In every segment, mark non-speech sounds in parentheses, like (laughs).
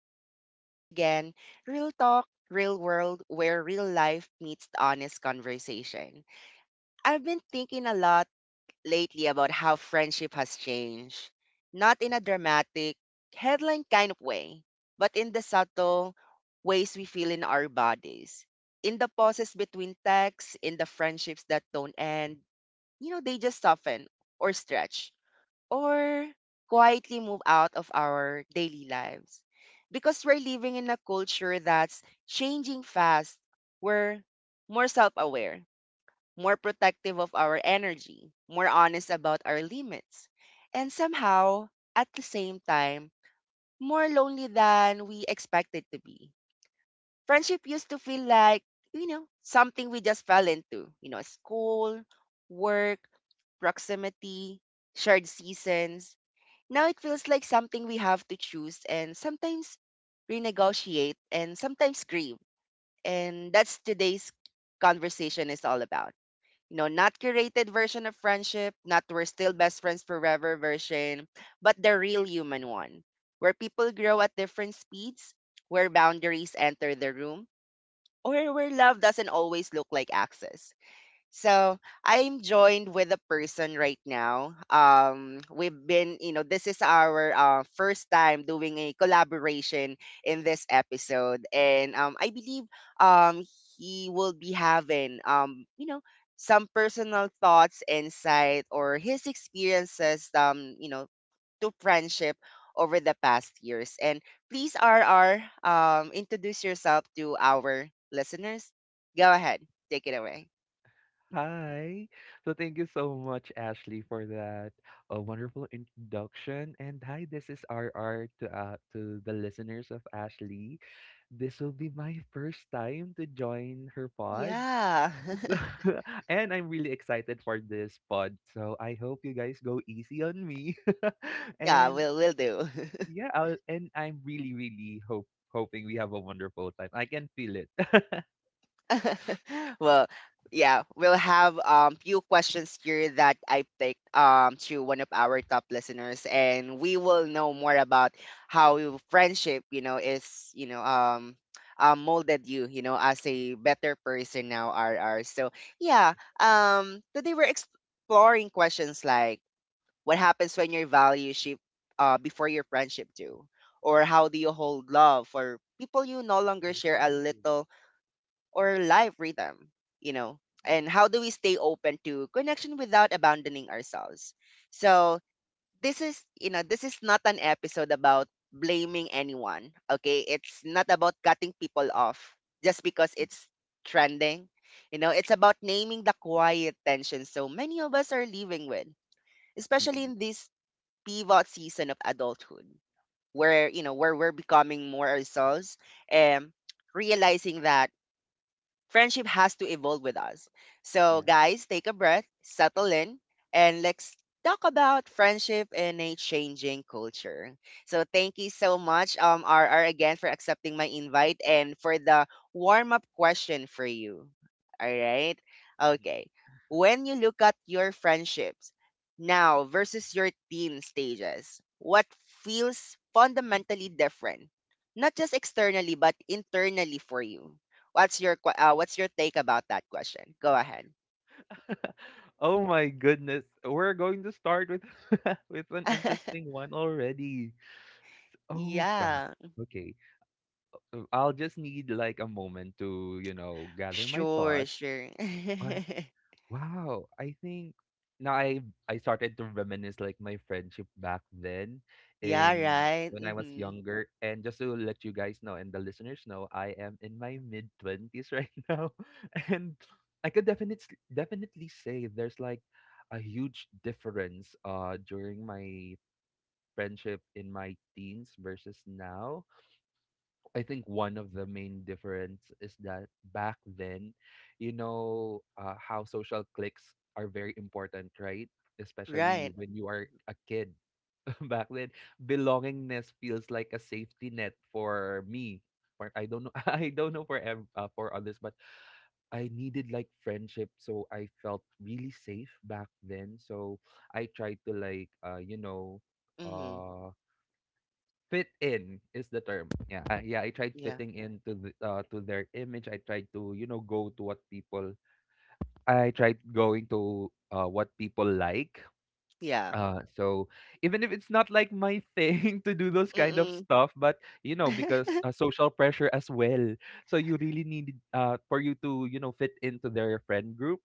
listeners. This is again Real Talk, Real World, where real life meets the honest conversation. I've been thinking a lot lately about how friendship has changed. Not in a dramatic, headline kind of way, but in the subtle ways we feel in our bodies. In the pauses between texts, in the friendships that don't end, they just soften or stretch or quietly move out of our daily lives. Because we're living in a culture that's changing fast, we're more self aware, more protective of our energy, more honest about our limits, and somehow, at the same time, more lonely than we expected to be. Friendship used to feel like, something we just fell into, school, work, proximity, shared seasons. Now it feels like something we have to choose and sometimes renegotiate and sometimes grieve. And that's today's conversation is all about. Not curated version of friendship, not we're still best friends forever version, but the real human one, where people grow at different speeds, where boundaries enter the room, or where love doesn't always look like access. So I'm joined with a person right now. We've been, this is our first time doing a collaboration in this episode, and I believe, um, he will be having, you know, some personal thoughts, insight, or his experiences, to friendship over the past years. And please, R R, introduce yourself to our listeners. Go ahead, take it away. Hi. So thank you so much, Ashley, for that wonderful introduction. And hi, this is RR to to the listeners of Ashley. This will be my first time to join her pod. Yeah. So, (laughs) (laughs) and I'm really excited for this pod. So I hope you guys go easy on me. (laughs) Yeah, and we'll do. and I'm really, really hope hoping we have a wonderful time. I can feel it. (laughs) (laughs) Well, yeah, we'll have few questions here that I picked to one of our top listeners and we will know more about how your friendship, is, molded you, as a better person now, R R. So yeah, today we're exploring questions like what happens when your values shift before your friendship do? Or how do you hold love for people you no longer share a little or life rhythm? And how do we stay open to connection without abandoning ourselves? So this is not an episode about blaming anyone. Okay, it's not about cutting people off just because it's trending. It's about naming the quiet tension so many of us are living with, especially Mm-mm. in this pivot season of adulthood where you know where we're becoming more ourselves and realizing that friendship has to evolve with us. So, Yeah. guys, take a breath, settle in, and let's talk about friendship in a changing culture. So, thank you so much, R R again for accepting my invite and for the warm up question for you. All right. Mm-hmm. Okay. When you look at your friendships now versus your teen stages, what feels fundamentally different? Not just externally, but internally for you. What's your take about that question? Go ahead. (laughs) Oh my goodness. We're going to start with (laughs) with an interesting (laughs) one already. Oh God. Yeah. Okay. So I'll just need like a moment to, you know, gather my Sure, thoughts. sure. (laughs) Wow, I think now I started to reminisce like my friendship back then Yeah, in right. when I was Mhm. younger. And just to let you guys know and the listeners know, I am in my mid twenties right (laughs) now. And I could definitely say there's like a huge difference during my friendship in my teens versus now. I think one of the main difference is that back then, you know, how social cliques are very important, right? Especially Right. when you are a kid (laughs) back then, belongingness feels like a safety net for me. For I don't know, (laughs) I don't know for for others, but I needed like friendship, so I felt really safe back then. So I tried to like, you know, Mhm. uh fit in is the term. Yeah. I tried Yeah. fitting into the to their image. I tried to you know go to what people. I tried going to what people like. Yeah. So even if it's not like my thing (laughs) to do those kind of Mm. stuff, but you know because (laughs) social pressure as well. So you really need for you to you know fit into their friend group.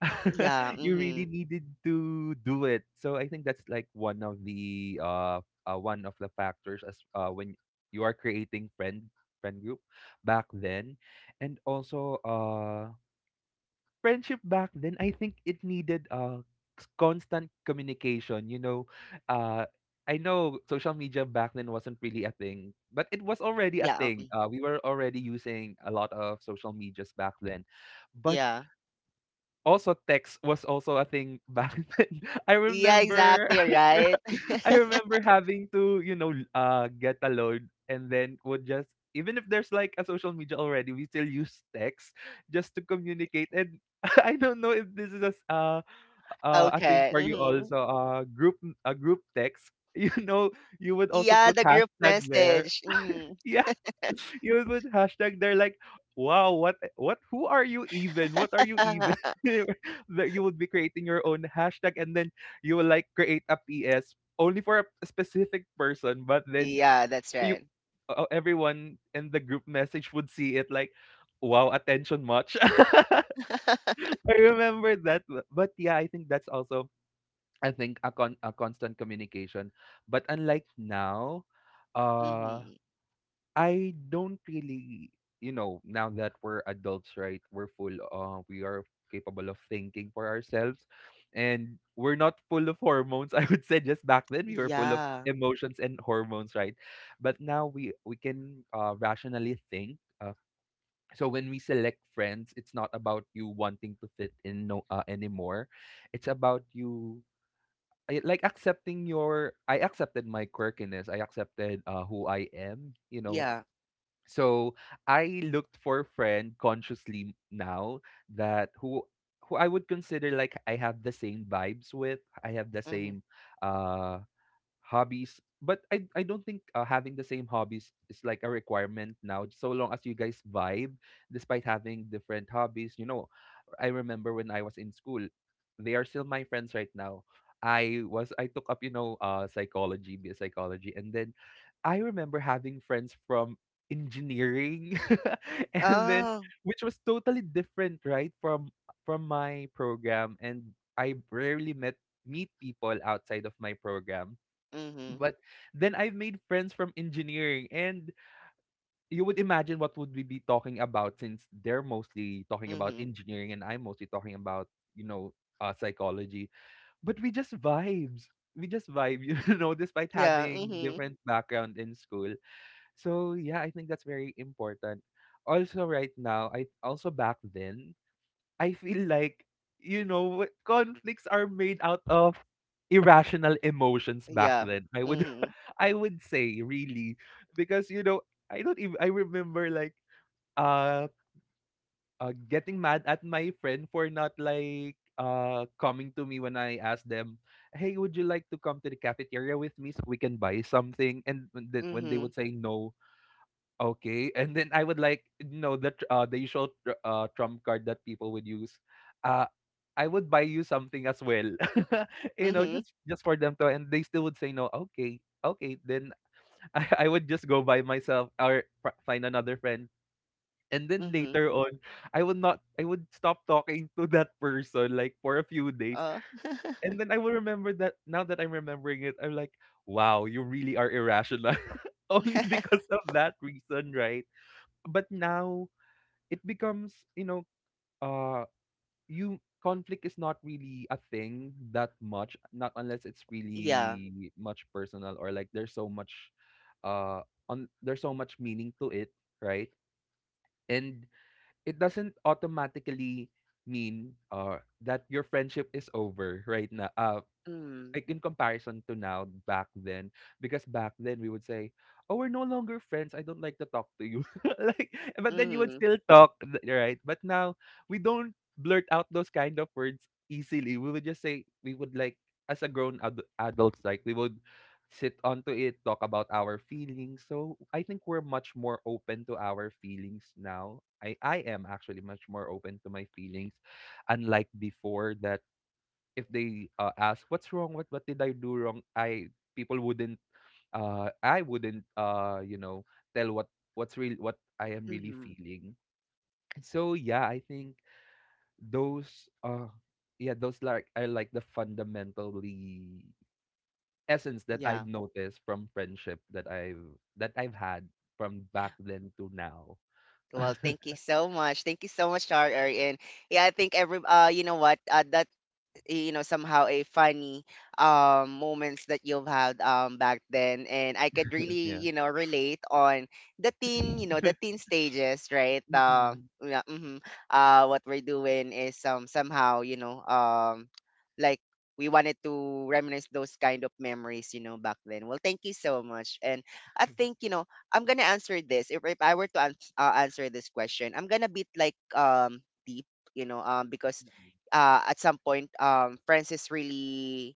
(laughs) Yeah. You really Mhm. needed to do it. So I think that's like one of the factors as when you are creating friend group back then, and also friendship back then. I think it needed constant communication. You know, uh. I know social media back then wasn't really a thing, but it was already a Yeah. thing. Mm, We were already using a lot of social medias back then, but yeah. also, text was also a thing back (laughs) then. I Yeah, remember exactly, right? (laughs) I (laughs) remember having to, you know, get a load and then would just even if there's like a social media already, we still use text just to communicate. And (laughs) I don't know if this is a a thing Okay. for you Mhm. also. Group a group text. (laughs) You know, you would also Yeah, put the group hashtag there. message. Mhm. Yeah. (laughs) You would put hashtag they're like, wow, what who are you even? What are you even? (laughs) (laughs) That you would be creating your own hashtag and then you will like create a PS only for a specific person, but then Yeah, that's you right. Everyone in the group message would see it like wow attention much. (laughs) I (laughs) remember that but yeah I think that's also I think a constant communication but unlike now uh Mhm. I don't really, you know, now that we're adults, right? We're we are capable of thinking for ourselves, and we're not full of hormones. (laughs) I would say just back then we were full of Yeah. emotions and hormones, right? But now we can rationally think. So when we select friends, it's not about you wanting to fit in no anymore. It's about you like accepting your I accepted my quirkiness. I accepted who I am, you know, Yeah. so I looked for a friend consciously now that who I would consider like I have the same vibes with, I have the Mhm. same uh hobbies, but I don't think having the same hobbies is like a requirement now so long as you guys vibe despite having different hobbies. You know, I remember when I was in school, they are still my friends right now. I took up, you know, psychology, BS psychology and then I remember having friends from engineering (laughs) and then Oh. which was totally different, right, from my program and I rarely met meet people outside of my program. Mhm. But then I've made friends from engineering and you would imagine what would we be talking about since they're mostly talking about Mhm. engineering and I'm mostly talking about, you know, psychology. But we just vibes. We just vibe, (laughs) you know, despite Yeah. having Mm-hmm. different background in school. So yeah, I think that's very important. Also right now, I also back then, I feel like you know what conflicts are made out of irrational emotions back Yeah. then. I would Mm-hmm. (laughs) I would say really because you know, I don't even I remember like uh, getting mad at my friend for not like coming to me when I asked them, "Hey, would you like to come to the cafeteria with me so we can buy something?" And when they Mm-hmm. would say no, okay, and then I would like you know the tr- the usual tr- trump card that people would use. Uh, I would buy you something as well, (laughs) you know, Mm-hmm. Just for them to, and they still would say no. Okay, okay, then (laughs) I would just go by myself or find another friend. And then Mm-hmm. later on, I would not, I would stop talking to that person like for a few days. Uh. And then I will remember that now that I'm remembering it, I'm like, wow, you really are irrational. (laughs) Only because (laughs) of that reason, right? But now it becomes you know uh you conflict is not really a thing that much not unless it's Yeah. really much personal or like there's so much uh on there's so much meaning to it, right, and it doesn't automatically mean that your friendship is over right now Mm. like in comparison to now. Back then, because back then we would say, oh we're no longer friends, I don't like to talk to you, (laughs) like but then you would Mm-hmm. still talk right. But now we don't blurt out those kind of words easily. We would just say, we would like as a adults, like we would sit onto it, talk about our feelings. So I think we're much more open to our feelings now. I am actually much more open to my feelings unlike before that if they ask what's wrong, what did I do wrong. People wouldn't I wouldn't you know tell what's real, what I am really mm feeling. So yeah, I think those yeah those like are like the fundamentally essence that I've Yeah. noticed from friendship that I've had from back then to now. (laughs) Well, thank you so much. Thank you so much, RR. And yeah, I think every you know what? That somehow a funny moments that you've had back then and I could really Yeah. (laughs) Relate on the teen you know the teen stages right Mm-mm. yeah, mhm. What we're doing is somehow like we wanted to reminisce those kind of memories back then. Well, thank you so much. And I think I'm gonna answer this. If I were to answer this question, I'm gonna be like deep because Mm-mm. At some point, friends is really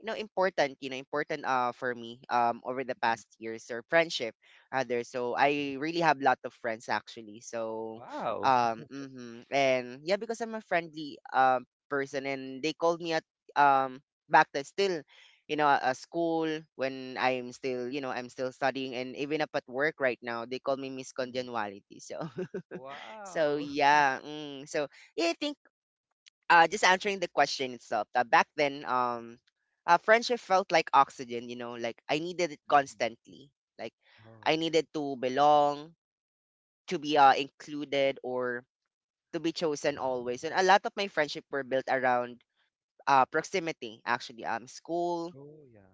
important important for me over the past years, or friendship rather. So I really have lot of friends actually, so Wow. (laughs) um hmm and yeah, because I'm a friendly person, and they called me at back then still a school when I'm still studying, and even up at work right now they call me Miss Mm. Congeniality, so. (laughs) so Wow. yeah mm, so yeah I think just answering the question itself. Back then, friendship felt like oxygen. You know, like I needed it (laughs) Mm. constantly. Like Oh I yeah. needed to belong, to be Mm. Included, or to be chosen always. And a lot of my friendship were built around proximity. Actually, school, Oh, yeah.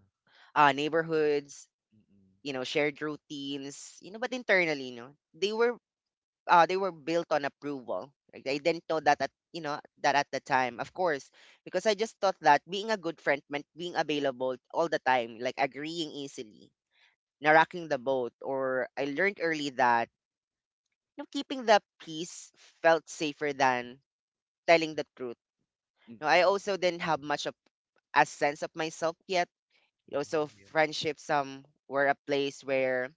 neighborhoods. Mm-mm. You know, shared routines. But internally, they were built on approval. Like, I didn't know that at the time, of course, because I just thought that being a good friend meant being available all the time, like agreeing easily, not rocking the boat. Or I learned early that keeping the peace felt safer than telling the truth. Mm. Now, I Yeah. also didn't have much of a sense of myself yet. You know, Oh, so yeah. friendships were a place where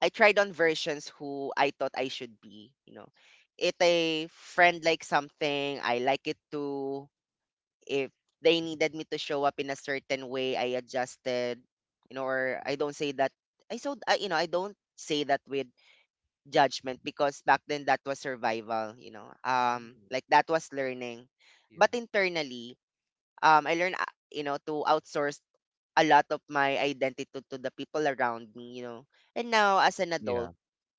I tried on versions who I thought I should be. If a friend likes something, I like it too. If they needed me to show up in a certain way, I adjusted, or Mm. I don't say that I so I, I don't say that with judgment because back then that was survival. Mm. Like that was learning. Yeah. But internally, I learned, to outsource a lot of my identity to the people around me. And now as an adult, Yeah.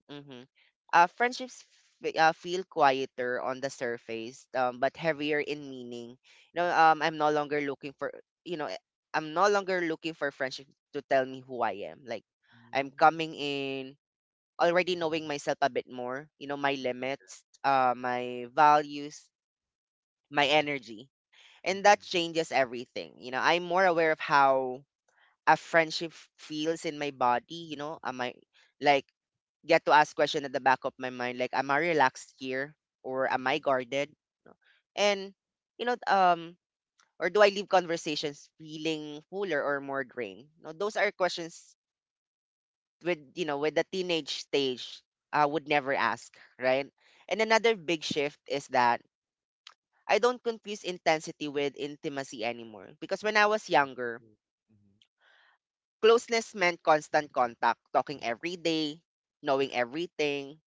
mm-hmm. Friendships feel quieter on the surface, but heavier in meaning. You know, I'm no longer looking for, you know, friendship to tell me who I am. Like, I'm Mm. coming in already knowing myself a bit more. You know, my Mm-mm. limits, my values, my energy, and Mm-mm. that changes everything. You know, I'm more aware of how a friendship feels in my body. You know, am I like get to ask question at the back of my mind like am I relaxed here or am I Mm-mm. guarded? And you know um or do I leave conversations feeling fuller or more drained? No, those are questions with with the teenage stage I would never ask, right? And another big shift is that I don't confuse intensity with intimacy anymore because when I was Mm-mm. younger, Hmm. closeness meant constant contact, talking every day, knowing everything,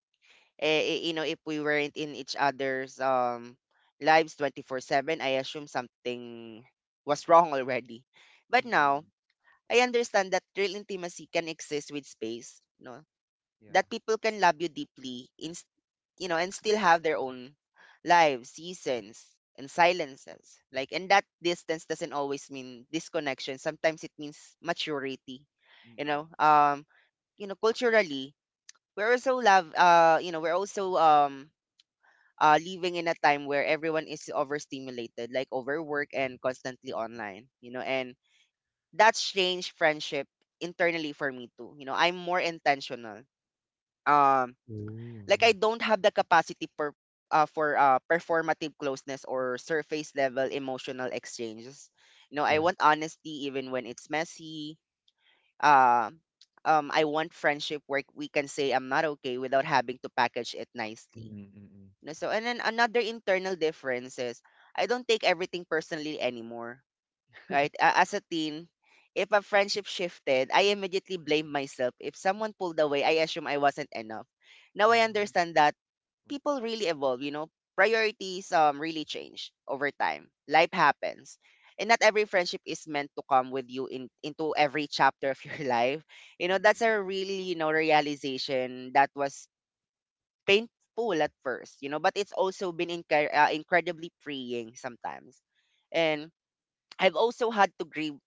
if we weren't in each other's lives 24/7, I assume something was wrong already. Mm. But Mm-mm. now, I understand that real intimacy can exist with space, you know, Yeah. that people can love you deeply and still have their own lives, seasons, and silences. Like, and that distance doesn't always mean disconnection. Sometimes it means maturity. You Mm-mm. know, um, culturally, we're also love. We're also living in a time where everyone is overstimulated, like overwork and constantly Mm-hmm. Mm-mm. online, and that's changed friendship internally for me too. You know, I'm more intentional. Um, Yeah. Oh, like I don't have the capacity for performative closeness or surface level emotional exchanges. You know, yeah. I Yeah. want honesty even when it's messy. Uh, I want friendship where we can say I'm not okay without having to package it nicely. Mm-mm. Mm-mm. No. So, and then another internal difference is I don't take everything personally anymore, right? (laughs) As a teen, if a friendship shifted, I immediately blame Mm-mm. myself. If someone pulled away, I assume I wasn't enough. Now I Oh. understand that Mm-mm. people really evolve, priorities really change over time. Life happens. And not every friendship is meant to come with you in into every chapter of your (laughs) life. You know, that's a Mm-mm. really, realization that was painful at first, but it's also been incredibly freeing sometimes. And I've also had to grieve,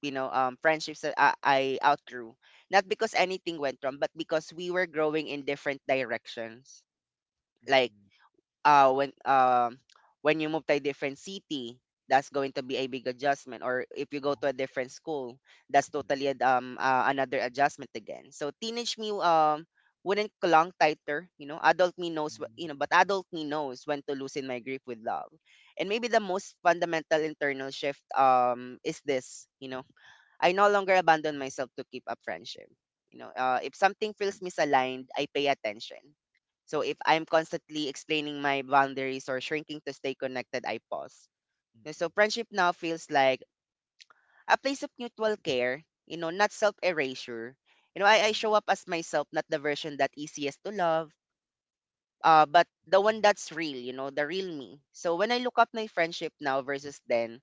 you know, um, friendships that I outgrew, not because anything went wrong, but because we were growing in different directions. Like Mm-mm. When when you move to a different city that's going to be a big adjustment, or if you go to a different school that's totally another adjustment again. So teenage me wouldn't clung tighter, adult me knows Mm-mm. Mm-mm. But adult me knows when to loosen my grip with love. And maybe the most fundamental internal shift is this. I no longer abandon myself to keep up friendship. You know, if something feels misaligned, I pay attention. So if I'm constantly explaining my boundaries or shrinking to stay connected, I pause. Mm-mm. No, (laughs) so Mm-mm. friendship now feels like a place of mutual care, you know, not self erasure. I show up as myself, not the version that easiest to love, but the one Oh, that's real, you know, the real me. So when I look up my friendship now versus then,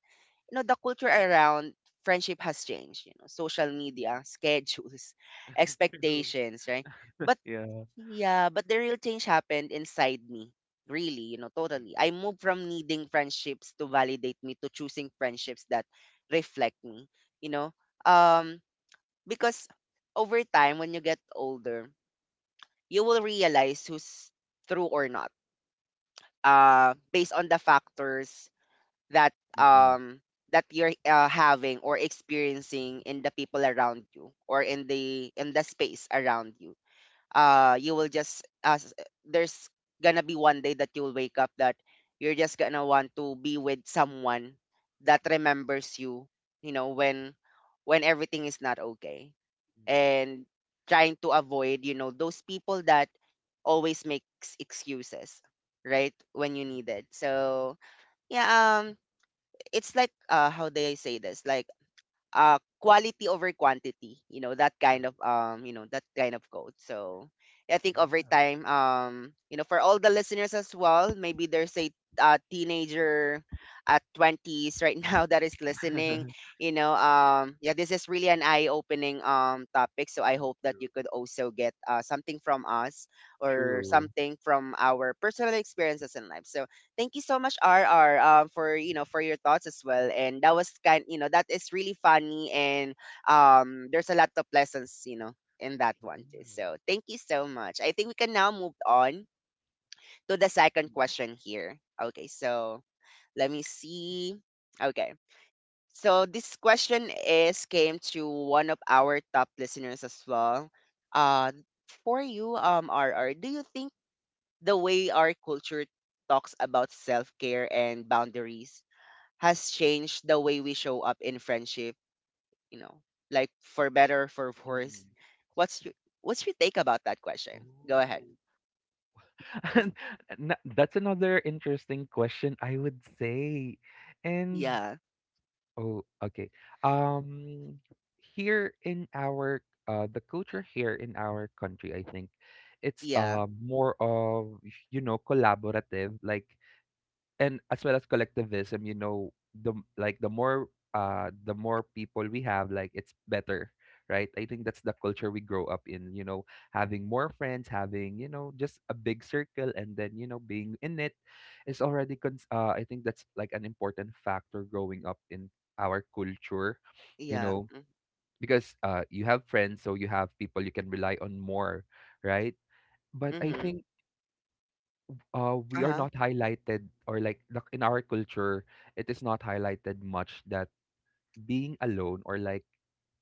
you know, the culture around friendship has changed, you know, social mm-mm. media schedules (laughs) (laughs) True. expectations, right? But Yeah. yeah, but the real change happened inside me, really, you know. Totally, I Mm-mm. moved from needing friendships to validate me to choosing friendships that reflect me, you know. um because over time, when you get older, you will realize who's true or not based on the factors that Mm-mm. That you're having or experiencing in the people around you or in the space around you. You will just as there's gonna be one day that you'll wake up that you're just gonna want to be with someone that remembers you, you know, when everything is not okay, Mm-mm. and trying to avoid, you know, those people that always makes excuses right when you need it. So yeah, it's like how do I say this? Like quality over quantity, you know, that kind True. of you know, that kind of code. So I think over Yeah. time, you know, for all the listeners as well, maybe there's a teenager at 20s right (laughs) now that is listening, (laughs) you know. Yeah, this is really an eye opening topic, so I Mm, hope that true. you could also get something from us or True. something from our personal experiences in life. So thank you so much, RR, for you know for your thoughts as well. And that was kind, you know, that is really funny, and there's a lot of lessons, you know, in that Yeah. one too. So thank you so much. I think we can now move on to the second Mm. question here. Okay, so let me see. Okay, so this question is came to one of our top listeners as well. Uh, for you, RR, do you think the way our culture talks about self care and boundaries has changed the way we show up in friendship, you know, like for better, for worse. Mm-mm. What's your what's your take about that question? Go ahead. Oh. (laughs) And that's another interesting question, I would say. And Yeah. Oh, okay. Um, here in our the culture here in our country, I think it's Yeah. More of you know collaborative. Like and as well as collectivism, you know like the more people we have, like it's better, right? I think that's the culture we grow up in, you know, having more friends, having you know just a big circle and then you know being in it is already I think that's like an important factor growing up in our culture, you Yeah. know, because you have friends so you have people you can rely on more, right? But I Mm-hmm. think we are Uh-huh. not highlighted or like in our culture it is not highlighted much that being alone or like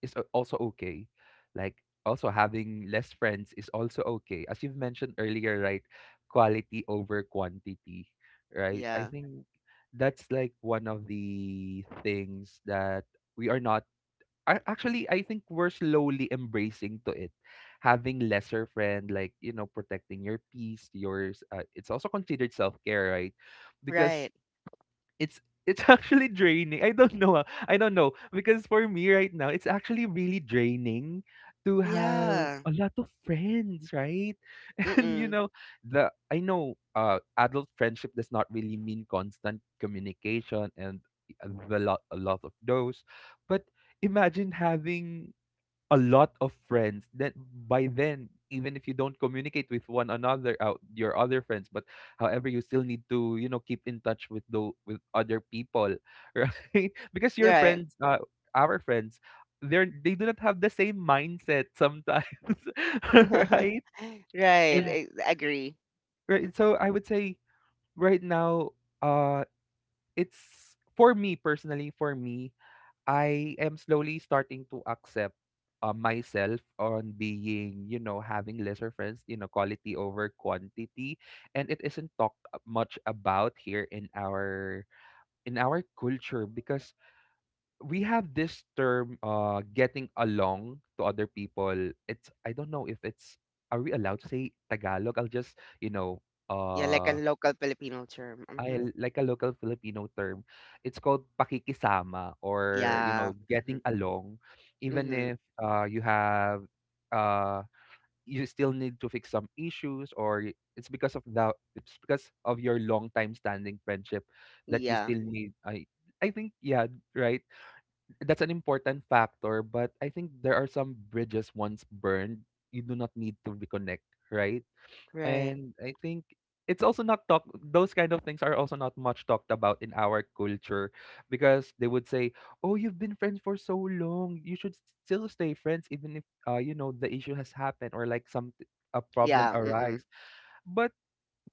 is also okay. Like also having less friends is also okay, as you've mentioned earlier, right? Quality over quantity, right? I Yeah. think that's like one of the things that we are not I actually I think we're slowly embracing to it, having lesser friend, like you know, protecting your peace, yours. It's also considered self care, right? Because Right. it's (laughs) actually draining. I don't know. Ah, I don't know because for me right now, it's actually really draining to have Yeah. a lot of friends, right? (laughs) And you Mm-mm. know, the I know adult friendship does not really mean constant communication and a lot of those, but imagine having a lot of friends then by then even if you don't communicate with one another out your other friends but however you still need to keep in touch with the with other people (laughs) right, because your Right. friends our friends, they do not have the same mindset sometimes. (laughs) (laughs) Right. Right. and I agree. Correct. right so I would say right now, uh it's for me personally for me I am slowly starting to accept, myself on being, you know, having lesser friends, you know, quality over quantity, and it isn't talked much about here in our culture because we have this term, getting along to other people. It's, I don't know if it's, are we allowed to say Tagalog? I'll just, you know, Yeah, like a uh local Filipino term. I Mm-hmm. l- like a local Filipino term. It's called pakikisama or, you Yeah. know, Mm-hmm. getting along. Even Mm-hmm. if you have, uh, you still need to fix some issues or it's because of the it's because of your long time standing friendship that you Yeah. still need. I think, yeah, right. That's an important factor, but I think there are some bridges once burned, you do not need to reconnect, right? Right. And I think it's also not talk those kind of things are also not much talked about in our culture because they would say, "Oh, you've been friends for so long. You should still stay friends even if you know the issue has happened or like some a problem Yeah, mm-mm. arise." But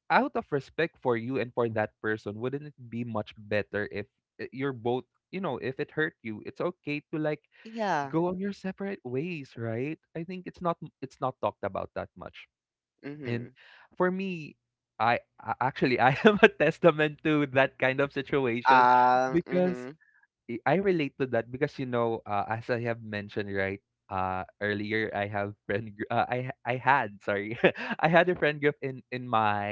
out of respect for you and for that person, wouldn't it be much better if, you're both, you know, if it hurt you, it's okay to like Yeah, go on your separate ways, right? I think it's not talked about that much. And mhm. for me, I actually (laughs) I am a testament to that kind of situation (laughs) because Mhm, I relate to that because, you know, as I have mentioned right earlier, I have I had, sorry, (laughs) I had a friend group in my,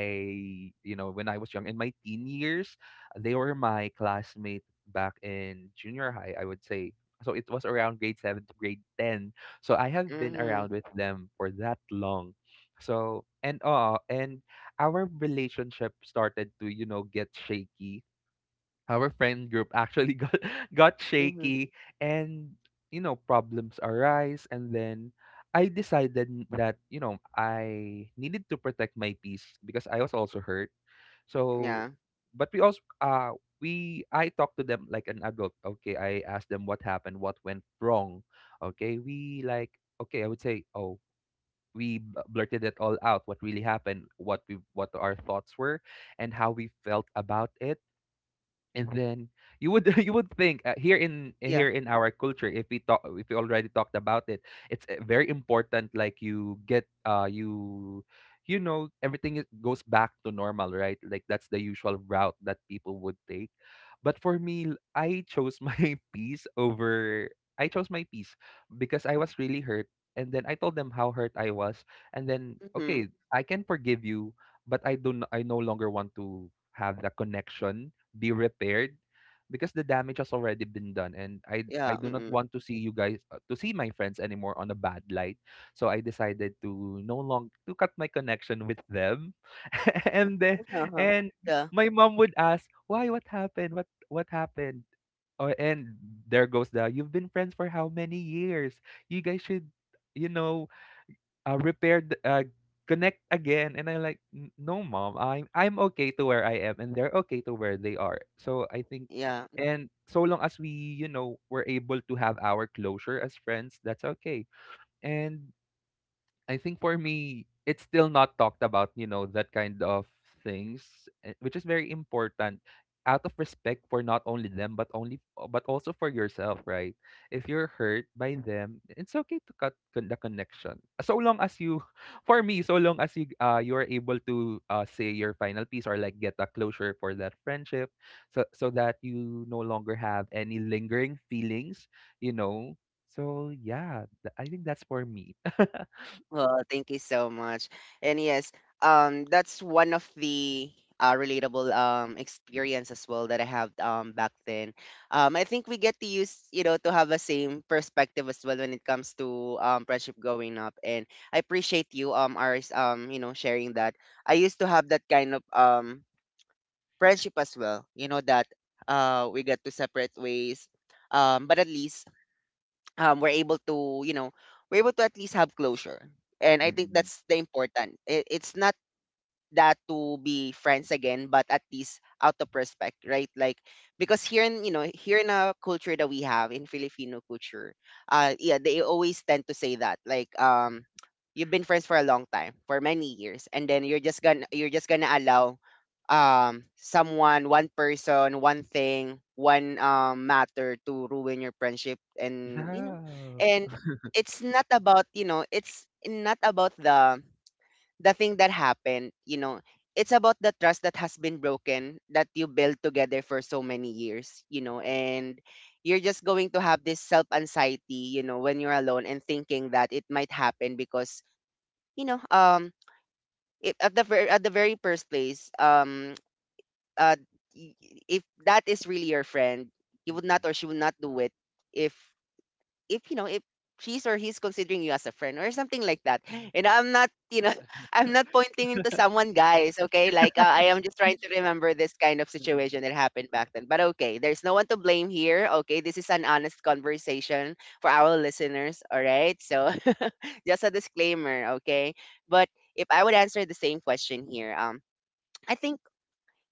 you know, when I was young in my teen years, they were my classmate back in junior high, I would say. So it was around grade 7 to grade 10. So I have been mhm, around with them for that long. So and our relationship started to, you know, get shaky. Our friend group actually got (laughs) got mhm. shaky, and you know problems arise, and then I decided that, you know, I needed to protect my peace because I was also hurt. So, Yeah, but we also we I talked to them like an adult. Okay, I asked them what happened, what went wrong. Okay, we like okay, I would say, oh, we blurted it all out, what really happened, what we what our thoughts were and how we felt about it. And then you would (laughs) you would think, here in yeah, here in our culture, if we talk, if we already talked about it, it's, very important, like you get you, you know, everything is, goes back to normal, right? Like that's the usual route that people would take. But for me, I chose my (laughs) peace over, I chose my peace, because I was really hurt. And then I told them how hurt I was, and then, mhm. okay, I can forgive you, but I no longer want to have the connection be repaired, because the damage has already been done, and Yeah, I do not mm-mm. want to see you guys, to see my friends anymore on a bad light. So I decided to no long to cut my connection with them. (laughs) And then, Uh-huh. and Yeah, my mom would ask, "Why, what happened? What happened?" Or, and there goes the, you've been friends for how many years? You guys should, you know, repaired connect again. And I'm like, No, mom, I'm okay to where I am, and they're okay to where they are. So I think, yeah. and so long as we, you know, were able to have our closure as friends, that's okay." And I think for me, it's still not talked about, you know, that kind of things, eh, which is very important, out of respect for not only them but only but also for yourself, right? If you're hurt by them, it's okay to cut the connection. So long as you (laughs) for me, so long as you you're able to say your final piece or like get a closure for that friendship, so that you no longer have any lingering feelings, you know. So, yeah, I think that's for me. (laughs) Well, thank you so much. And yes, that's one of the relatable experience as well that I have back then. I think we get to use, you know, to have a same perspective as well when it comes to friendship going up. And I appreciate you ours you know sharing that. I used to have that kind of friendship as well. You know that we got to separate ways, but at least we're able to, you know, we're able to at least have closure. And I think Mm. that's the important. It's not that to be friends again, but at least out of respect, right? Like because Mm. here in, you know, here in a culture that we have in Filipino culture, yeah, they always tend to say that like you've been friends for a long time, for many years, and then you're just gonna allow someone, one person, one thing, one matter to ruin your friendship, and you know, Yeah. and it's not about, you know, it's not about the thing that happened, you know. It's about the trust that has been broken that you built together for so many years, you know, and you're just going to have this self anxiety, you know, when you're alone and thinking that it might happen because, you know, it, at the very first place, uh, if that is really your friend, you would Mm. not or she would not do it if if, you know, if she's or he's considering you as a friend or something like that. And I'm not, you know, (laughs) I'm not pointing into someone, guys. Okay, Yeah. like I am just trying to remember this kind of Mm. situation that happened back then. But okay, there's no one to blame here. Okay, this is an honest conversation for our listeners, all right? So (laughs) just a disclaimer, okay? But if I would answer the same question here, I think,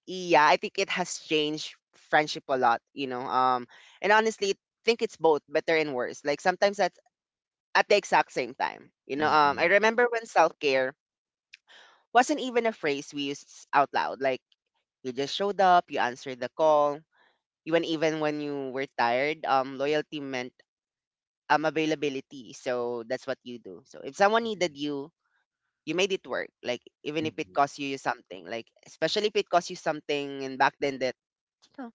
yeah, I think it has changed friendship a lot, you know. And honestly, think it's both better and worse. Like sometimes I at the exact same time. You know, Mm. I Mm. remember when self care wasn't even a phrase we used out loud. Like you just showed up, you answered the call. Even when you were tired, loyalty meant availability. So that's what you do. So if someone needed you, you made it work. Like even if it Mm. cost you something, like especially if it cost you something, and back then that, you know,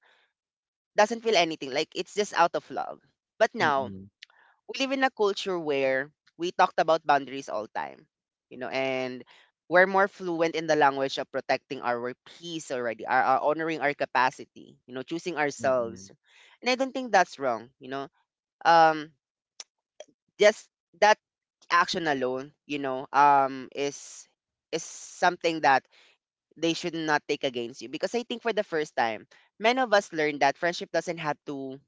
doesn't feel anything. Like it's just out of love. But now Mm. we live in a culture where we talked about boundaries all time, you know, and we're more fluent in the language of protecting our peace already, our honoring our capacity, you know, choosing Mm. ourselves. And I don't think that's wrong, you know. Um, just that action alone, you know, is something that they should not take against you because I think for the first time, many of us learned that friendship doesn't have to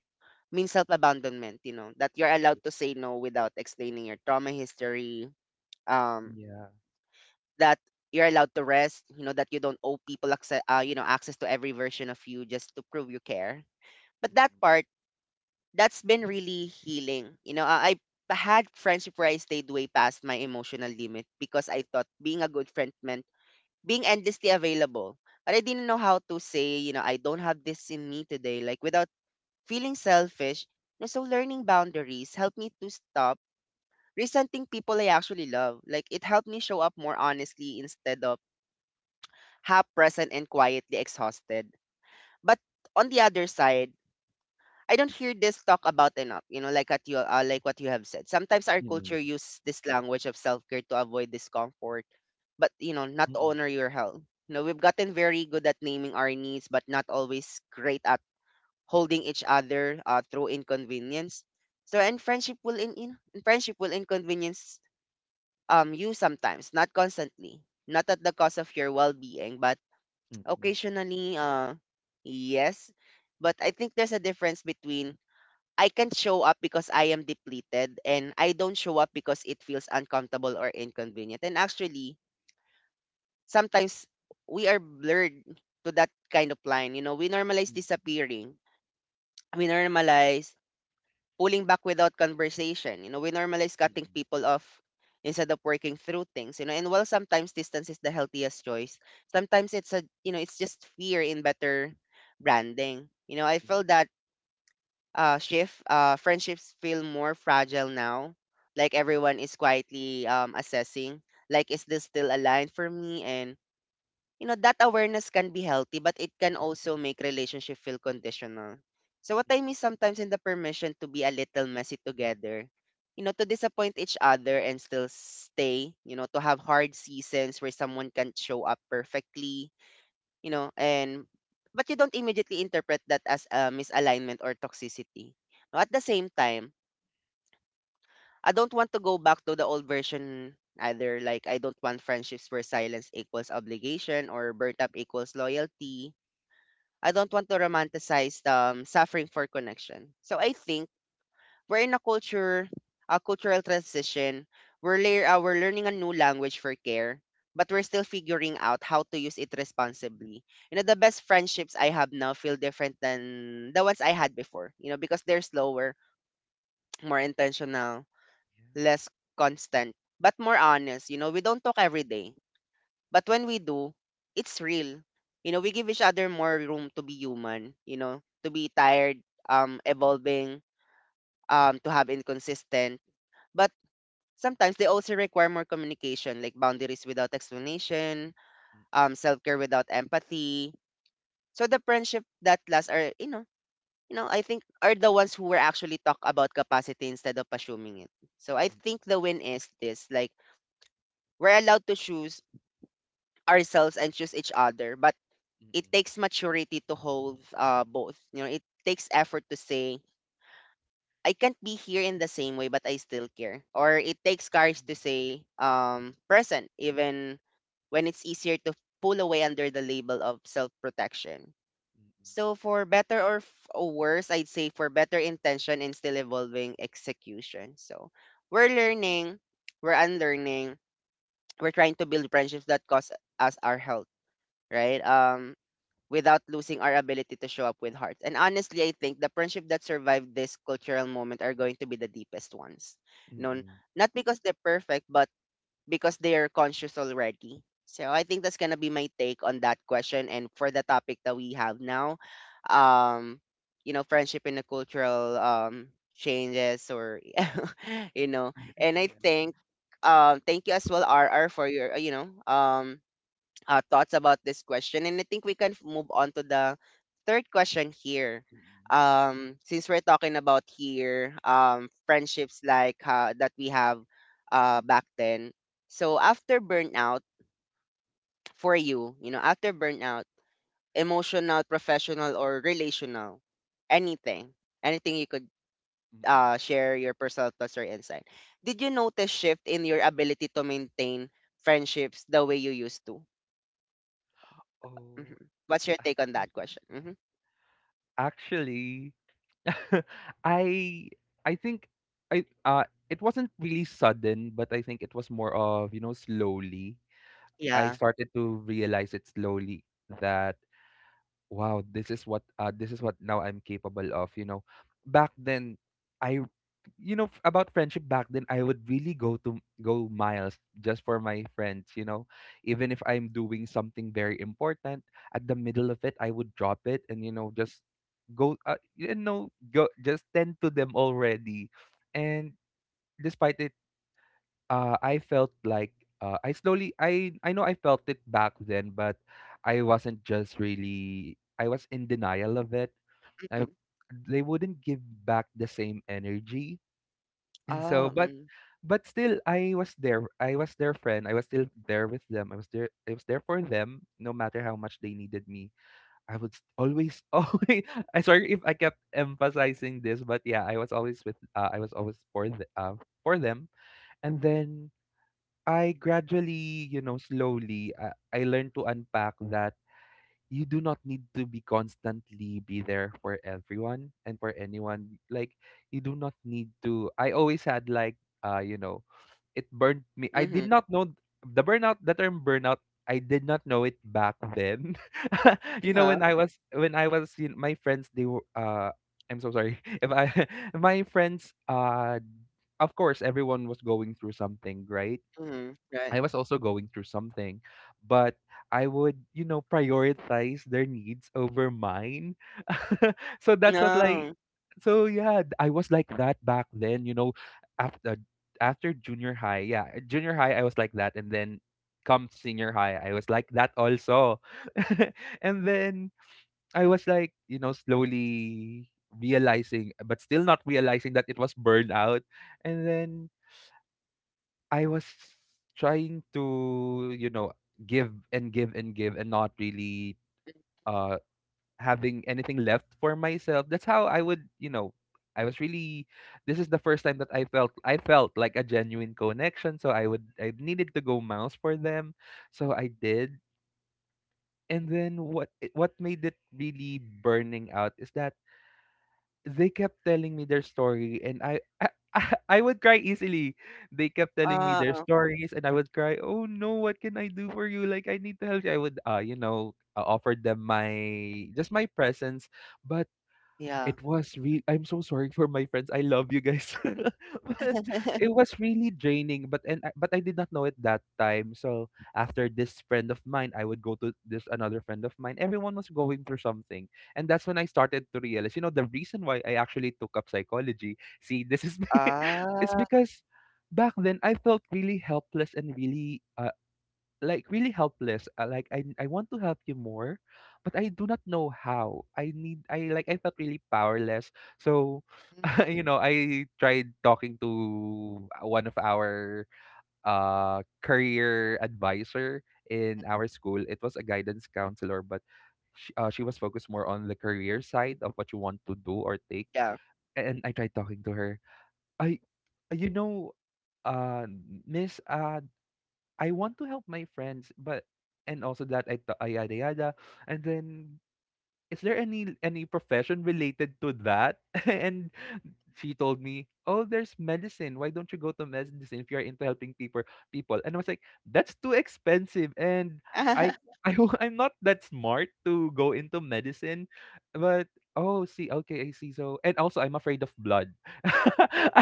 means self-abandonment, you know, that you're allowed to say no without explaining your trauma history, um, Yeah. that you're allowed to rest, you know, that you don't owe people access, you know, access to every version of you just to prove you care. But that Mm. part, that's been really healing. I had friendship where I stayed way past my emotional limit because I thought being a good friend meant being endlessly available. But I didn't know how to say, you know, I don't have this in me today, like without feeling selfish. And so learning boundaries helped me to stop resenting people I actually love. Like it helped me show up more honestly instead of half present and quietly exhausted. But on the other side, I don't hear this talk about enough, you know, like at you, like what you have said. Sometimes our Mm. culture use this language of self-care to avoid discomfort, but you know, not to Mm. honor your health. You know, we've gotten very good at naming our needs, but not always great at holding each other through inconvenience. So and friendship will inconvenience you sometimes, not constantly, not at the cost of your well-being, but Mm. Mm. occasionally yes. But I think there's a difference between I can't show up because I am depleted and I don't show up because it feels uncomfortable or inconvenient. And actually, sometimes we are blurred to that kind of line. You know, we Mm. Mm. Mm. Mm. Mm. Yeah. Mm. Mm. normalize Mm. Mm. Mm. Mm. (laughs) disappearing. We normalize pulling back without conversation. You know, we normalize cutting people off instead of working through things. You know, and while sometimes distance is the healthiest choice, sometimes it's a, you know, it's just fear in better branding. You know, I Yeah. feel that shift friendships feel more fragile now. Like everyone is quietly assessing, like is this still aligned for me, and you know, that awareness can be healthy, but it can also make relationship feel conditional. So what I mean sometimes in the permission to be a little messy together, you know, to disappoint each other and still stay, you know, to have hard seasons where someone can't show up perfectly, you know, and but you don't immediately interpret that as a misalignment or toxicity. Now, at the same time, I don't want to go back to the old version either. Like, I don't want friendships where silence equals obligation or burnt up equals loyalty. I don't want to romanticize suffering for connection. So I think we're in a culture, a cultural transition. We're learning a new language for care, but we're still figuring out how to use it responsibly. You know, the best friendships I have now feel different than the ones I had before, you know, because they're slower, more intentional, less constant, but more honest. You know, we don't talk every day. But when we do, it's real. You know, we give each other more room to be human, to be tired, evolving, to have inconsistent. But sometimes they also require more communication, like boundaries without explanation, self care without empathy. So the friendship that last are, I think are the ones who were actually talk about capacity instead of assuming it. So I think the win is this, like we're allowed to choose ourselves and choose each other, but it takes maturity to hold both. You know, it takes effort to say I can't be here in the same way, but I still care. Or it takes courage to say present, even when it's easier to pull away under the label of self-protection. So for better or worse, I'd say for better intention and still evolving execution. So we're learning, we're unlearning, we're trying to build friendships that cost us our health, right? Without losing our ability to show up with heart. And honestly, I think the friendship that survived this cultural moment are going to be the deepest ones. No, not because they're perfect, but because they are conscious already. So I think that's gonna be my take on that question. And for the topic that we have now, um, you know, friendship in the cultural changes or (laughs) you know, and I think thank you as well, RR, for your you know thoughts about this question. And I think we can move on to the third question here. Since we're talking about here friendships like that we have Mm. back then. So after burnout, for you, you know, after burnout, emotional, professional, or relational, anything, anything you could Mm. Mm. Share your personal thoughts or insight. Did you notice shift in your ability to maintain friendships the way you used to? Oh. Mhm. What's your take on that (laughs) question? Mm-hmm. Actually, (laughs) I I think I it wasn't really sudden, but I think it was more of, you know, slowly. I Yeah, started to realize it slowly that, wow, this is what now I'm capable of, you know. Back then, I you know, about friendship, back then, I would really go miles just for my friends, you know. Even if I'm doing something very important, at the middle of it I would drop it, and you know, just go, you know, go just tend to them already. And despite it, I felt like, I slowly, I know I felt it back then, but I wasn't just really I was in denial of it. mhm. I, they wouldn't give back the same energy, and so, Oh, but mm. Still I was there. I was their friend. I was still there with them. I was there. I was there for them, no matter how much they needed me. I would always (laughs) always. I, sorry if I kept emphasizing this, but, yeah, I was always with. I was always for the, for them. And then I gradually, you know, slowly, I learned to unpack that you do not need to be constantly be there for everyone and for anyone. Like, you do not need to. I always had, like, you know, it burned me. I did Mhm. not know the burnout, the term burnout. I did not know it back then. (laughs) You know, Uh-huh, when I was, you my friends, they were, I'm so sorry. (laughs) If I, (laughs) my friends, of course, everyone was going through something, right? mhm, I right. was also going through something, but I would, you know, prioritize their needs over mine. (laughs) So that's what, like, No. so, yeah, I was like that back then, you know, after, after junior high. Yeah, junior high I was like that, and then come senior high, I was like that also. (laughs) And then I was like, you know, slowly realizing but still not realizing that it was burnout. And then I was trying to, you know, give and give and give and not really uh having anything left for myself. That's how I would, you know, I was really, this is the first time that I felt, I felt like a genuine connection, so I would, I needed to go mouse for them. So I did. And then what what made it really burning out is that they kept telling me their story, and I (laughs) I would cry easily. They kept telling me their Oh, stories and I would cry, "Oh no, what can I do for you? Like I need to help you." I would you know, offer them my, just my presence, but yeah. it was real, I'm so sorry for my friends. I love you guys. (laughs) But it was really draining, but I did not know it that time. So after this friend of mine, I would go to this another friend of mine. Everyone was going through something, and that's when I started to realize, you know, the reason why I actually took up psychology. See, this is (laughs) it's Ah, because back then I felt really helpless and really, like really helpless. Like I want to help you more, but I do not know how. I like I felt really powerless. So, mm, (laughs) you know, I tried talking to, one of our, career advisor in our school. It was a guidance counselor, but she was focused more on the career side of what you want to do or take. yeah. And I tried talking to her. I you know uh miss I want to help my friends, but and also that I yada yada, and then is there any profession related to that? (laughs) And she told me, "Oh, there's medicine. Why don't you go to medicine if you're into helping people?" And I was like, "That's too expensive, and I, (laughs) (laughs) I'm not that smart to go into medicine." But oh, see, okay, I see. So, and also, I'm afraid of blood. (laughs)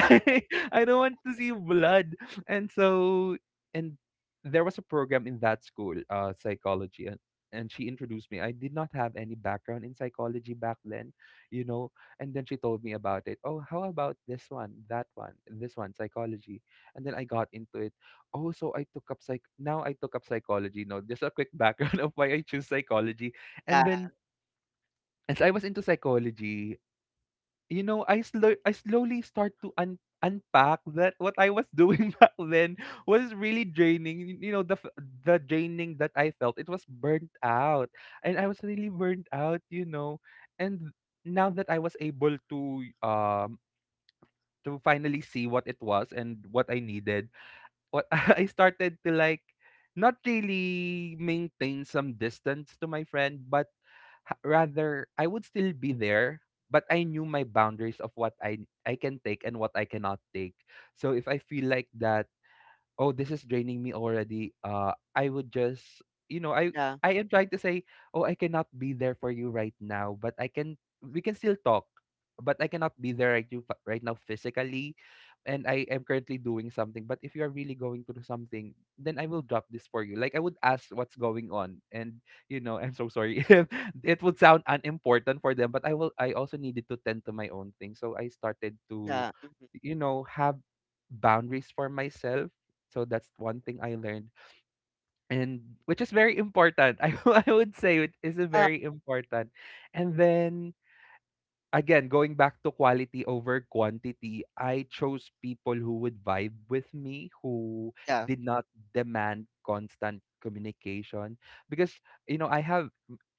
Ah, I don't want to see blood, and so, and there was a program in that school, psychology, and she introduced me. I did not have any background in psychology back then, you know. And then she told me about it. Oh, how about this one, that one, this one, psychology. And then I got into it. I took up psychology. No, just a quick background (laughs) of why I choose psychology. And yeah, then as I was into psychology, you know, I slowly start to unpack that what I was doing (laughs) back then was really draining. You know, the draining that I felt, it was burnt out, and I was really burnt out. You know, and now that I was able um to finally see what it was and what I needed, what, (laughs) I started to like not really maintain some distance to my friend, but rather I would still be there, but I knew my boundaries of what I can take and what I cannot take. So if I feel like that, oh, this is draining me already, I would just, you know yeah, I am trying to say, oh, I cannot be there for you right now, but I can we can still talk, but I cannot be there right, you, right now physically, and I am currently doing something, but if you are really going through something, then I will drop this for you. Like I would ask what's going on, and you know, I'm so sorry (laughs) if it would sound unimportant for them, but I also needed to tend to my own thing. So I started to, yeah, mhm. you know, have boundaries for myself. So that's one thing I learned, and which is very important. (laughs) I would say it is a Ah, very important. And then again, going back to quality over quantity, I chose people who would vibe with me, who yeah, did not demand constant communication. Because, you know, I have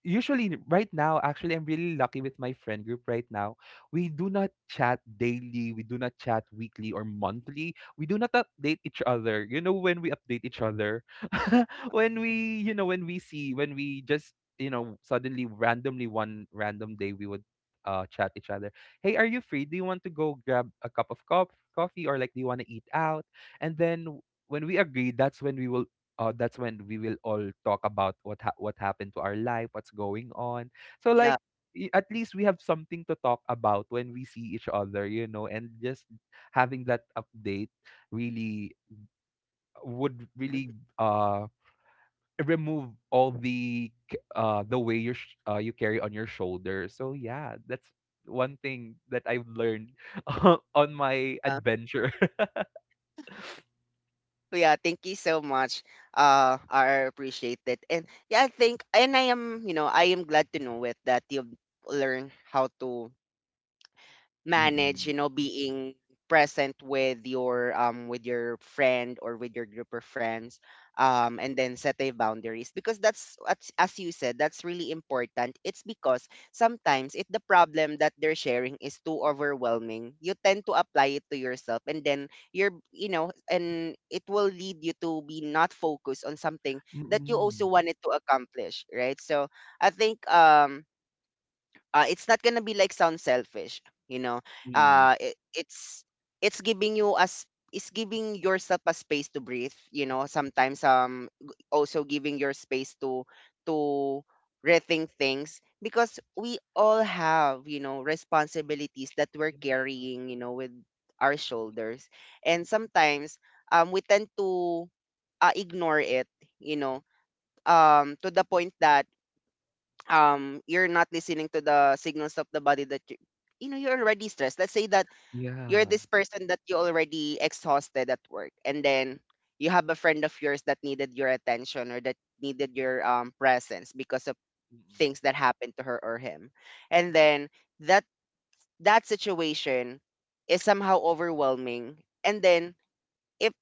usually right now, actually, I'm really lucky with my friend group right now. We do not chat daily, we do not chat weekly or monthly. We do not update each other. You know, when we update each other, (laughs) when we just, you know, suddenly, randomly, one random day, we would chat each other, hey, are you free, do you want to go grab a cup of coffee, or like do you want to eat out, and then w- when we agree, that's when we will all talk about what what happened to our life, what's going on. So yeah. like, at least we have something to talk about when we see each other, you know, and just having that update really would really Mhm. Remove all the the way you you carry on your shoulder. So yeah, that's one thing that I've learned (laughs) on my adventure. Yeah, thank you so much. I appreciate it. And yeah, I think, and I am, you know, I am glad to know it that you've learned how to (laughs) manage Mm-mm. you know being present with your friend or with your group of friends and then set a boundaries because that's as you said that's really important it's because sometimes if the problem that they're sharing is too overwhelming you tend to apply it to yourself and then you're you know and it will lead you to be not focused on something that you also Mm-mm. wanted to accomplish right so I think it's not gonna be like sound selfish you know Mm-mm. uh it, it's it's giving you as it's giving yourself a space to breathe you know sometimes also giving your space to to rethink things because we all have you know responsibilities that we're carrying you know with our shoulders and sometimes we tend to ignore it you know to the point that you're not listening to the signals of the body that you know you're already stressed let's say that you're Yeah. this person that you already exhausted at work and then you have a friend of yours that needed your attention or that needed your presence because of Mm-mm. things that happened to her or him and then that that situation is somehow overwhelming and then if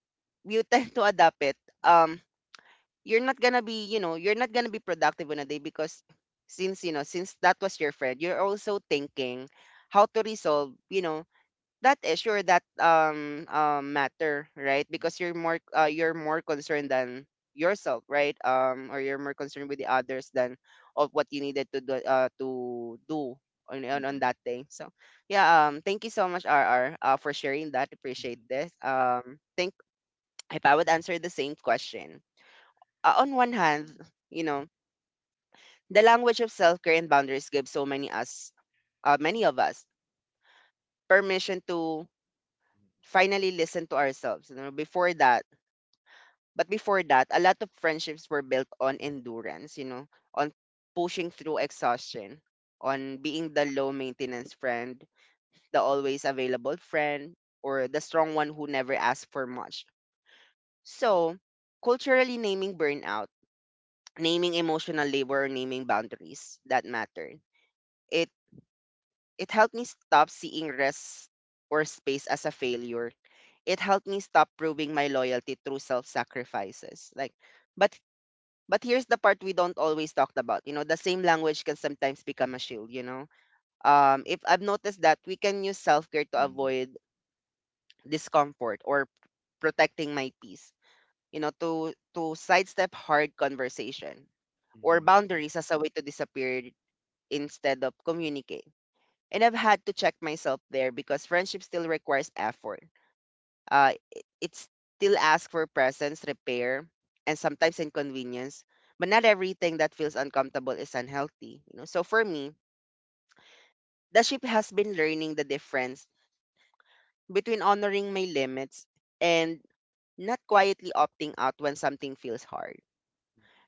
you tend to adapt it um you're not gonna be you know you're not gonna be productive on a day because since you know since that was your friend you're also thinking how to resolve you know that issue or that matter right because you're more concerned than yourself right or you're more concerned with the others than of what you needed to do to do on, on Mm-mm. that day so yeah thank you so much rr for sharing that appreciate this think if I would answer the same question on one hand, you know, the language of self-care and boundaries gives so many us many of us permission to finally listen to ourselves, you know, before that. But before that, a lot of friendships were built on endurance, you know, on pushing through exhaustion, on being the low maintenance friend, the always available friend, or the strong one who never asks for much. So, culturally naming burnout, naming emotional labor, or naming boundaries that matter it It helped me stop seeing rest or space as a failure. It helped me stop proving my loyalty through self-sacrifices. Like, but but here's the part we don't always talk about. You know, the same language can sometimes become a shield. You know, if I've noticed that we can use self-care to Mm-mm. avoid discomfort or protecting my peace. You know, to sidestep hard conversation Mm-mm. or Mm-mm. boundaries as a way to disappear instead of communicate and I've had to check myself there because friendship still requires effort. It still asks for presence, repair, and sometimes inconvenience. But not everything that feels uncomfortable is unhealthy. You know, so for me, the ship has been learning the difference between honoring my limits and not quietly opting out when something feels hard.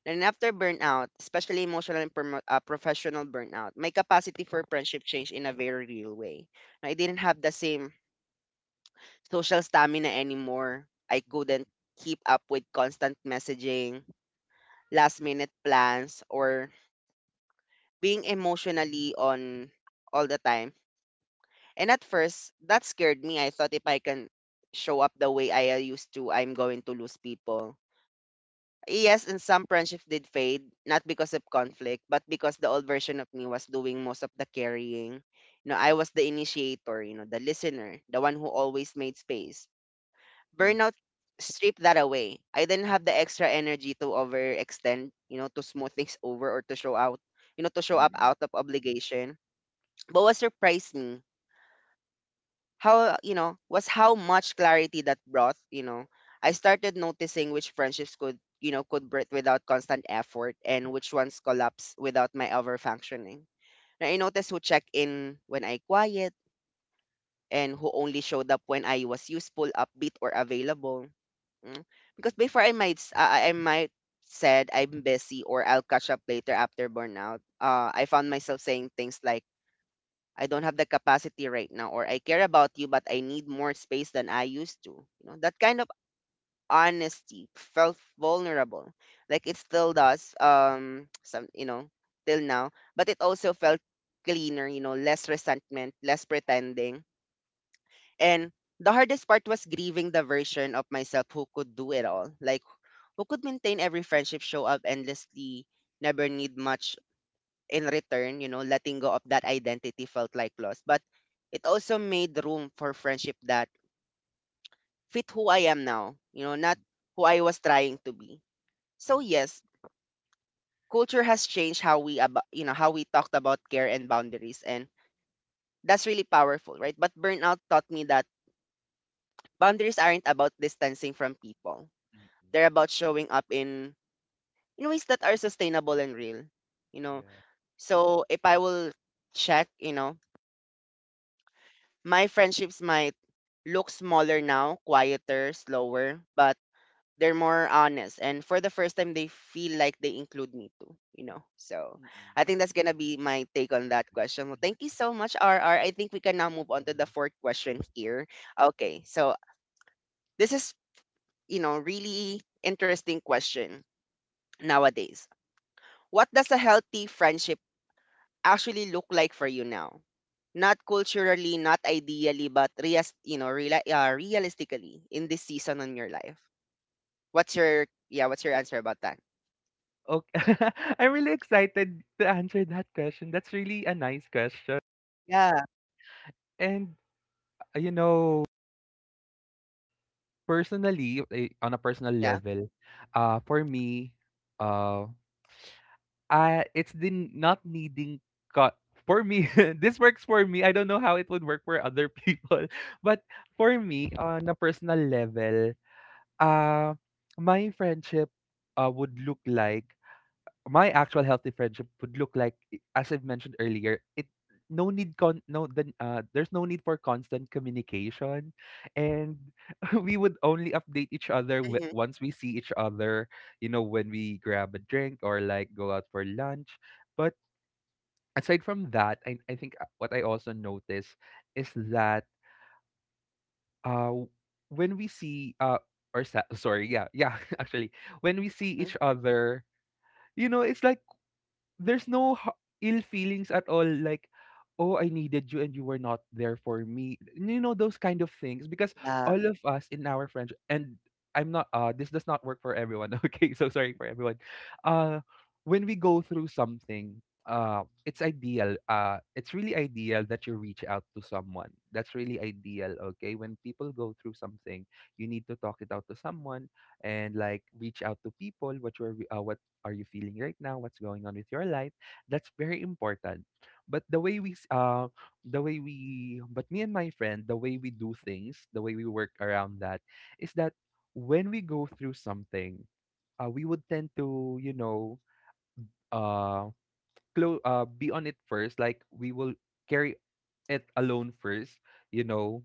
And after burnout, especially emotional and professional burnout, my capacity for friendship changed in a very real way. I didn't have the same social stamina anymore. I couldn't keep up with constant messaging, last minute plans, or being emotionally on all the time. And at first, that scared me. I thought if I can show up the way I used to, I'm going to lose people. Yes, and some friendships did fade, not because of conflict, but because the old version of me was doing most of the carrying. You know, I was the initiator, you know, the listener, the one who always made space burnout stripped that away. I didn't have the extra energy to overextend, you know, to smooth things over or to show out, you know, to show Mm-mm. up Mm-mm. out of obligation. But what surprised me, how, you know, was how much clarity that brought, you know. I started noticing which friendships could, you know, could breathe without constant effort and which ones collapse without my overfunctioning. And I noticed who check in when I quiet and who only showed up when I was useful, upbeat, or available. Mm. Because Mm-mm. before I might s- I might said I'm busy or I'll catch up later after burnout. I found myself saying things like I don't have the capacity right now or I care about you but I need more space than I used to. You know, that kind of honesty felt vulnerable. Like it still does some you know till now, but it also felt cleaner, you know, less resentment, less pretending and the hardest part was grieving the version of myself who could do it all. Like, who could maintain every friendship, show up endlessly, never need much in return, you know, letting go of that identity felt like loss. But it also made room for friendship that fit who I am now, you know, not who I was trying to be. So, yes, culture has changed how we, about, you know, how we talked about care and boundaries. And that's really powerful, right? But burnout taught me that boundaries aren't about distancing from people Oh, mm-mm. They're about showing up in ways that are sustainable and real, you know. Yeah. So if I will check, you know, my friendships might look smaller now, quieter, slower, but they're more honest and for the first time they feel like they include me too, you know. So Mm-mm. I think that's gonna be my take on that question. Well, thank you so much, RR. I think we can now Wow. move on to the fourth question here. Okay, so this is you know really interesting question nowadays. What does a healthy friendship actually look like for you now? Not culturally, not ideally, but reas you know, real, realistically in this season in your life. What's your yeah? What's your answer about that? Okay. (laughs) I'm really excited to answer that question. That's really a nice question. Yeah. And, you know, personally, on a personal Yeah. level, for me, uh, I it's the not needing cut for me. (laughs) This works for me. I don't know how it would work for other people, (laughs) but for me, on a personal level, uh, my friendship would look like my actual healthy friendship would look like, as I've mentioned earlier, it no need con no then there's no need for constant communication, and (laughs) we would only update each other Hmm. once we see each other, you know, when we grab a drink or like go out for lunch. But aside from that, I think, what I also notice is that w- when we see or sa- (laughs) sorry, yeah (laughs) actually, when we see Hmm. each other, you know, it's like there's no h- ill feelings at all, like, oh, I needed you and you were not there for me, you know, those kind of things. Because Yeah. all of us in our friendship, and I'm not this does not work for everyone, (laughs) okay, so sorry for everyone. uh when we go through something, it's ideal, it's really ideal that you reach out to someone. That's really ideal. Okay, when people go through something, you need to talk it out to someone, and like reach out to people, what are you feeling right now, what's going on with your life? That's very important. But the way we, s- the way we, but me and my friend, the way we do things, the way we work around that, is that when we go through something, we would tend to, you know, uh, be on it first. Like we will carry it alone first, you know,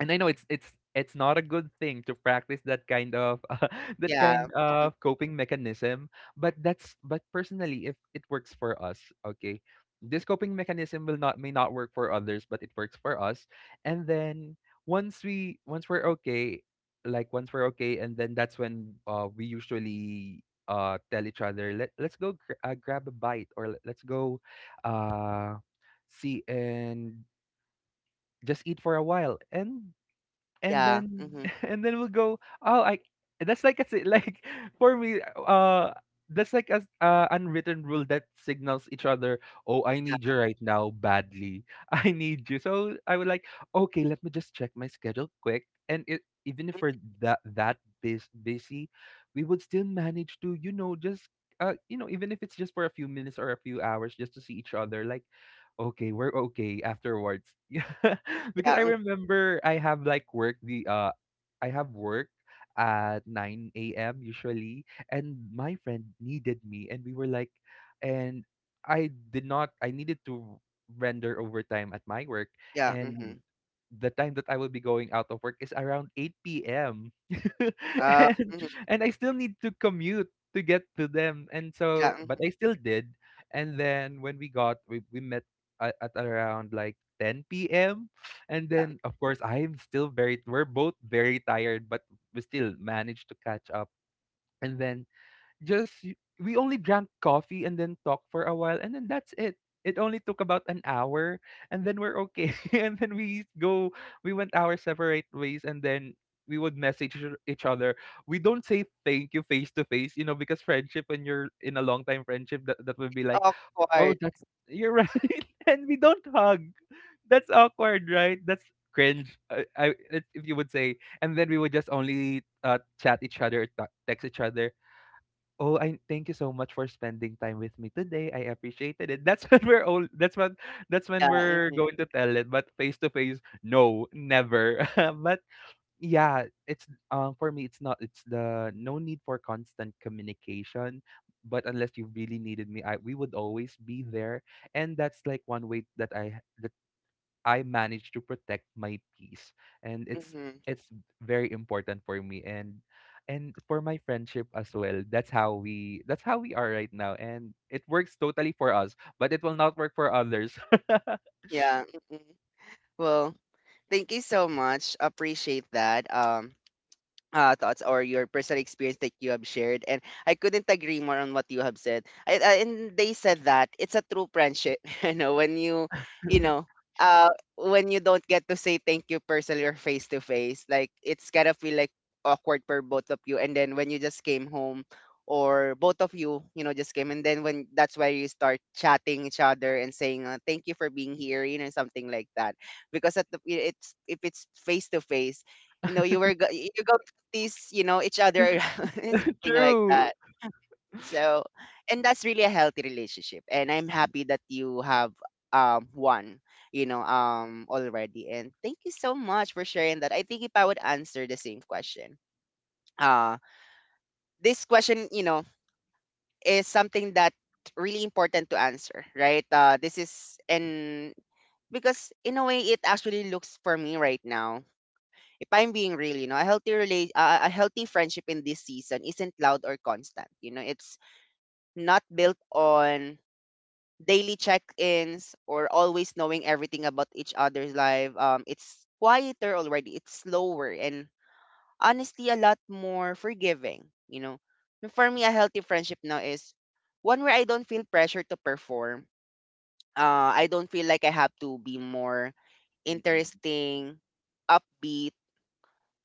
and I know it's not a good thing to practice that kind of (laughs) that Yeah. kind Hmm. of coping mechanism, but personally, if it works for us, okay, this coping mechanism will not may not work for others, but it works for us. And then once we're okay, like once we're okay, and then that's when, we usually tell each other, let's go grab a bite, or let's go uh see and just eat for a while, and Yeah. then Hmm. (laughs) and then we'll go, oh I that's like a like, (laughs) for me, uh that's like a unwritten rule that signals each other, oh, I need you right now badly. (laughs) I need you. So I would like, okay, let me just check my schedule quick, and even if we're that that busy, we would still manage to, you know, just, you know, even if it's just for a few minutes or a few hours, just to see each other. Like, okay, we're okay afterwards. (laughs) Yeah. Because Yeah. I Mm. remember I have work at 9 a.m. usually, and my friend needed me, and we were like, and I did not I needed to render overtime at my work, Yeah. Hmm. and the time that I will be going out of work is around 8 p.m. (laughs) And mhm. I still need to commute to get to them, and Yeah. so, but Mhm, I still did. And then when we got we met at around like 10 p.m. And yeah. then, of course, we're both very tired, but we still managed to catch up. And then just, we only drank coffee and then talked for a while. And then that's it. It only took about an hour, and then we're okay. (laughs) And then we went our separate ways, and then we would message each other. We don't say thank you face to face, you know, because friendship, when you're in a long time friendship, that would be like, oh, Awkward. that's, you're right. (laughs) And we don't hug. That's awkward, right? That's cringe. I If you would say, and then we would just only, chat each other, text each other. Oh, I thank you so much for spending time with me today. I appreciated it. That's (laughs) when we're old. That's what. That's Yeah. when we're Hmm. going to tell it. But face to face, no, never. (laughs) But yeah, it's for me, it's the no need for constant communication, but unless you really needed me, I we would always be there. And that's like one way that I manage to protect my peace. And Hmm. it's very important for me and for my friendship as well. That's how we are right now. And it works totally for us, but it will not work for others. (laughs) Yeah. Hmm. Well, thank you so much. Appreciate that. Thoughts or your personal experience that you have shared. And I couldn't agree more on what you have said. And they said that it's a true friendship, (laughs) you know, when you, you know, uh, when you don't get to say thank you personally or face to face, like it's kind of feel like awkward for both of you. And then when you just came home or both of you, you know, just came and then when that's where you start chatting each other and saying, thank you for being here, you know, something like that. Because at the, it's, if it's face to face, you know you you tease, you know, each other around, (laughs) something like True. that. So, and that's really a healthy relationship. And I'm happy that you have one, you know, already. And thank you so much for sharing that. I think if I would answer the same question, uh, this question, you know, is something that really important to answer, right? This is and because in a way it actually looks for me right now if I'm being real, you know, a a healthy friendship in this season isn't loud or constant. You know, it's not built on daily check-ins or always knowing everything about each other's life. It's quieter already. It's slower and honestly a lot more forgiving. You know, for me, a healthy friendship now is one where I don't feel pressure to perform. I don't feel like I have to be more Mm-mm, interesting, upbeat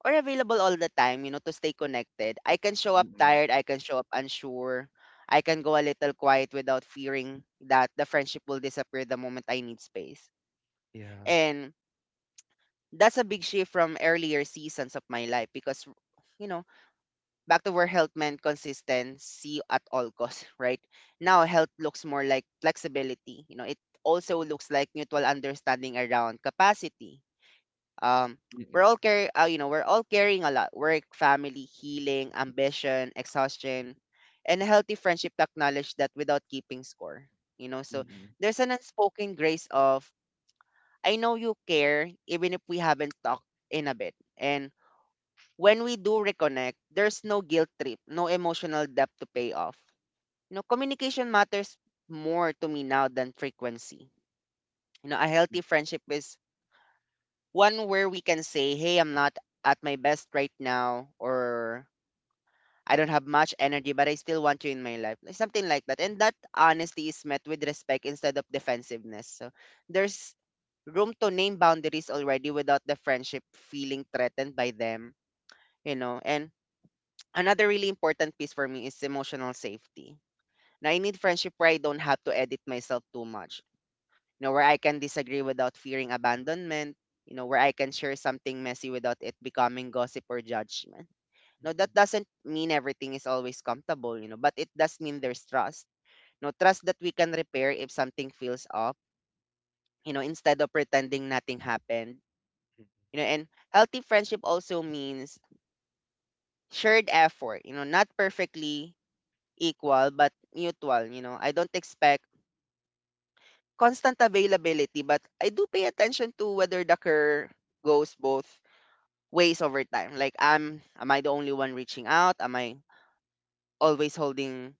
or available all the time, you know, to stay connected. I can show up mm-mm. tired, I can show up unsure. I can go a little quiet without fearing that the friendship will disappear the moment I need space. Yeah. And that's a big shift from earlier seasons of my life because you know, back to where health meant consistency at all costs, (laughs) right? Now health looks more like flexibility. You know, it also looks like mutual understanding around capacity, um Mm-mm, we're all carry you know, we're all carrying a lot: work, family, healing, ambition, exhaustion. And a healthy friendship to acknowledge that without keeping score, you know. So mm-mm. there's an unspoken grace of I know you care even if we haven't talked in a bit. And when we do reconnect, there's no guilt trip, no emotional debt to pay off, you know. Communication matters more to me now than frequency, you know. A healthy friendship is one where we can say, "Hey, I'm not at my best right now," or, "I don't have much energy, but I still want you in my life," like something like that. And that honesty is met with respect instead of defensiveness. So there's room to name boundaries already without the friendship feeling threatened by them, you know. And another really important piece for me is emotional safety. Now, I need friendship where I don't have to edit myself too much, you know, where I can disagree without fearing abandonment, you know, where I can share something messy without it becoming gossip or judgment. No, that Mm, doesn't mean everything is always comfortable, you know, but it does mean there's trust. No, trust that we can repair if something feels off, you know, instead of pretending nothing happened. mm, You know, and healthy friendship also means shared effort, you know, not perfectly equal, but mutual, you know. I don't expect constant availability, but I do pay attention to whether the care goes both ways over time. Like I'm am I the only one reaching out? Am I always holding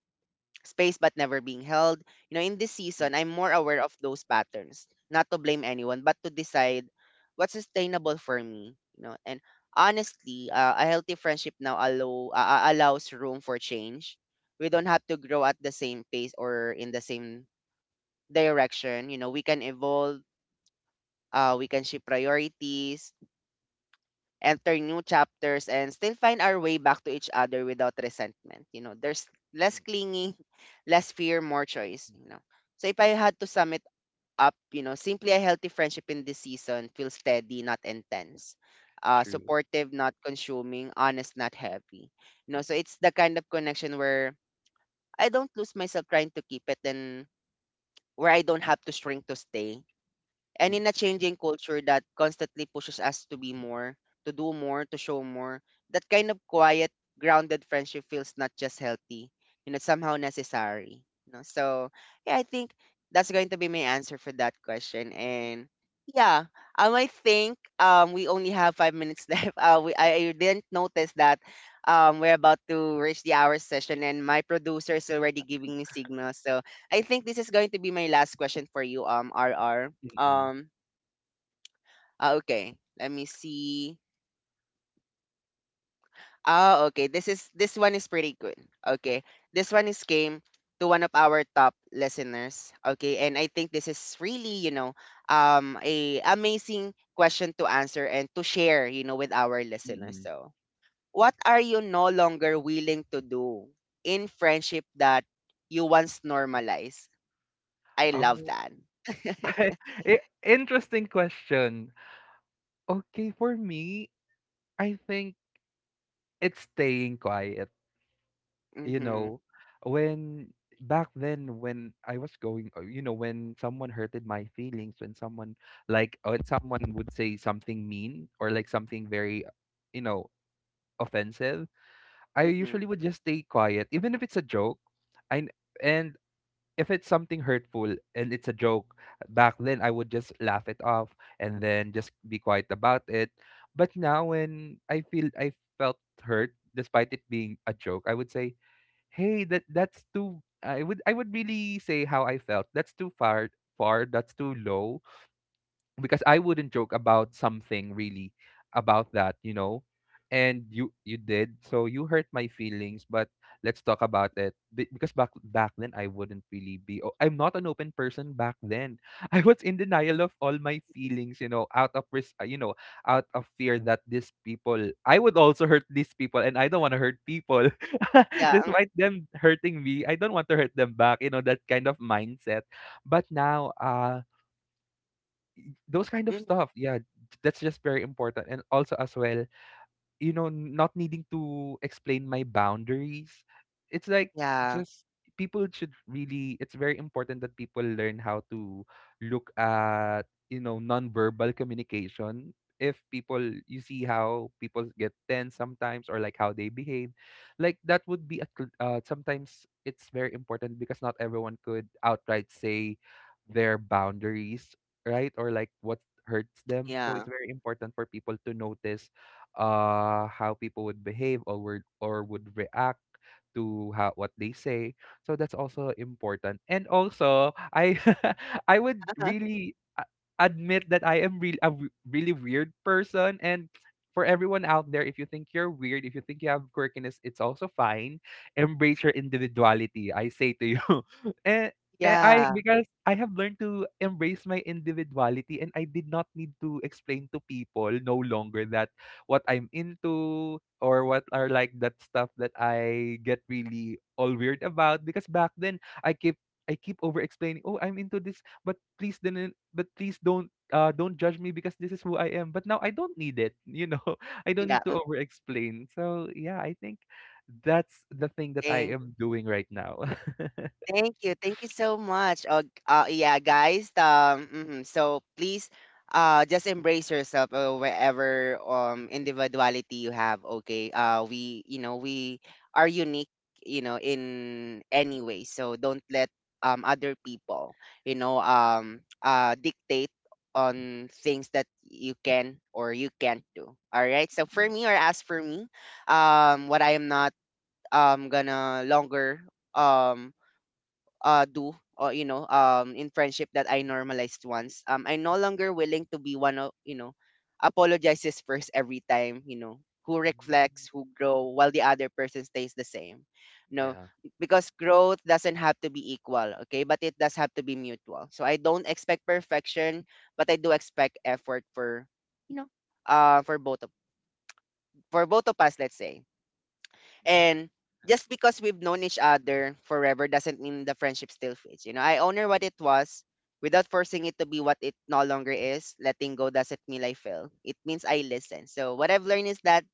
space but never being held? You know, in this season, I'm more aware of those patterns. Not to blame anyone, but to decide what's sustainable for me, you know. And honestly, a healthy friendship now allows room for change. We mm, don't have to grow at the same pace or in the same direction. You know, we can evolve, we can shift priorities, enter new chapters and still find our way back to each other without resentment. You know, there's less mm, clinging, less fear, more choice, you know. So if I had to sum it up, you know, simply a healthy friendship in this season feels steady, not intense. True. Supportive, not consuming, honest, not heavy. You know, so it's the kind of connection where I don't lose myself trying to keep it and where I don't have to shrink to stay, and Mm, in a changing culture that constantly pushes us to be more, to do more, to show more, that kind of quiet, grounded friendship feels not just healthy, you know, somehow necessary. You know? So yeah, I think that's going to be my answer for that question. And yeah, I think we only have 5 minutes (laughs) left. We I didn't notice that we're about to reach the hour session, and my producer is already giving me signals. So I think this is going to be my last question for you, R R. mm, Um, ah, okay. Let me see. Ah, okay. This is this one is pretty good. Okay. This one is came to one of our top listeners. Okay. And I think this is really, you know, a amazing question to answer and to share, you know, with our listeners. mm. So, what are you no longer willing to do in friendship that you once normalized? I love Oh, that. (laughs) (laughs) Interesting question. Okay, for me, I think it's staying quiet. You Mhm. know, when, back then when I was going, you know, when someone hurted my feelings, when someone like, when someone would say something mean or like something very, you know, offensive, I Mhm. usually would just stay quiet, even if it's a joke. I n- and if it's something hurtful and it's a joke, back then I would just laugh it off and then just be quiet about it. But now when I felt hurt despite it being a joke, I would say, "Hey, that's too, I would really say how I felt. That's too far, that's too low, because I wouldn't joke about something really about that, you know. And you did, so you hurt my feelings. But let's talk about it. Because back then I wouldn't really be. I'm not an open person back then." (laughs) I was in denial of all my feelings, you know, you know, out of fear that these people, I would also hurt these people, and I don't want to hurt people, (laughs) Yeah. despite them hurting me. I don't want to hurt them back, you know, that kind of mindset. But now, those kind of Mhm. stuff. Yeah, that's just very important. And also as well, you know, not needing to explain my boundaries. It's like Yeah. just people should really, it's very important that people learn how to look at, you know, nonverbal communication. If people, you see how people get tense sometimes or like how they behave, like that would be a sometimes it's very important, because not everyone could outright say their boundaries, right? Or like what hurts them. So it's Yeah. very important for people to notice how people would behave or would react to how what they say. So that's also important. And also, I (laughs) I would (laughs) really admit that I am really really weird person. And for everyone out there, if you think you're weird, if you think you have quirkiness, it's also fine. Embrace your individuality, I say to you. (laughs) And, I, Yeah, because I have learned to embrace my individuality, and I did not need to explain to people no longer that what I'm into or what are like that stuff that I get really all weird about. Because back then I keep over explaining, "Oh, I'm into this, but please don't, don't judge me because this is who I am." But now I don't need it, you know. (laughs) I don't need yeah. to mm, over explain. So, yeah, I think that's the thing that I Thank, am doing right now. (laughs) thank you, thank you. So much. Oh, yeah, guys. Mhm, so please, just embrace yourself, wherever individuality you have. Okay. We, you know, we are unique. You know, in any way. So don't let other people, you know, dictate on things that you can or you can't do. All right. So for Mhm. me, or as for me, what I am not gonna longer um do, or you know, in friendship that I normalized once. Um, I'm no longer willing to be one of, you know, apologizes first every time, you know, who Mm. reflects, who grow while the other person stays the same. No, Yeah. because growth doesn't have to be equal, okay? But it does have to be mutual. So I don't expect perfection, but I do expect effort for you know, uh for both of for both of us, let's say. Yeah. And just because we've known each other forever doesn't mean the friendship still fits. You know, I honor what it was without forcing it to be what it no longer is. Letting go doesn't mean I fail. It means I listen. So what I've learned is that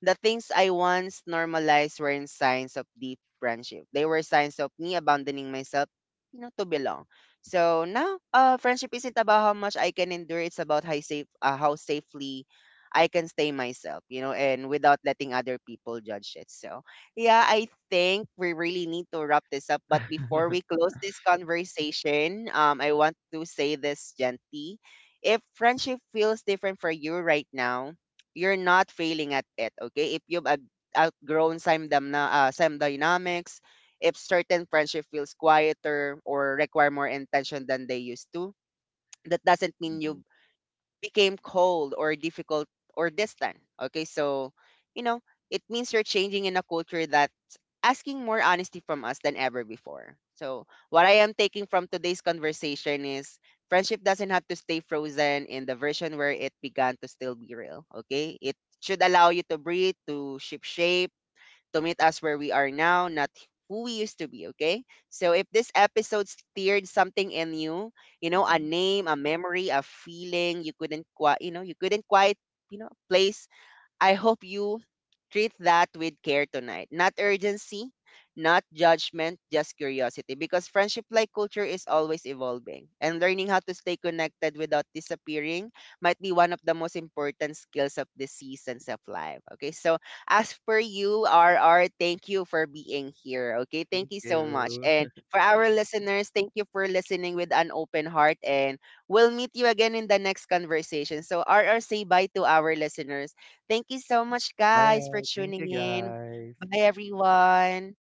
the things I once normalized weren't signs of deep friendship. They were signs of me abandoning myself, you know, to belong. So now, friendship isn't about how much I can endure. It's about how safe, how safely I can stay myself, you know, and without letting other people judge it. So yeah, I think we really need to wrap this up. But before we close this conversation, I want to say this gently. If friendship feels different for you right now, you're not failing at it, okay? If you've outgrown some, some dynamics, if certain friendship feels quieter or require more intention than they used to, that doesn't mean Mhm. you became cold or difficult or distant. Okay, so you know, it means you're changing in a culture that's asking more honesty from us than ever before. So, what I am taking from today's conversation is friendship doesn't have to stay frozen in the version where it began to still be real. Okay, it should allow you to breathe, to ship shape to meet us where we are now, not who we used to be, okay? So if this episode stirred something in you, you know, a Mhm. name, a memory, a feeling you couldn't quite, you know, you couldn't quite, you know, place, I hope you treat that with care tonight. Not urgency, not judgment, just curiosity. Because friendship like culture is always evolving. And learning how to stay connected without disappearing might be one of the most important skills of the seasons of life. Okay, so as for you, RR, thank you for being here. Okay, Thank thank you so much. you. And for our listeners, thank you for listening with an open heart. And we'll meet you again in the next conversation. So, RR, say bye to our listeners. Thank you so much, guys, Bye. for Thank you tuning in. guys. Bye, everyone.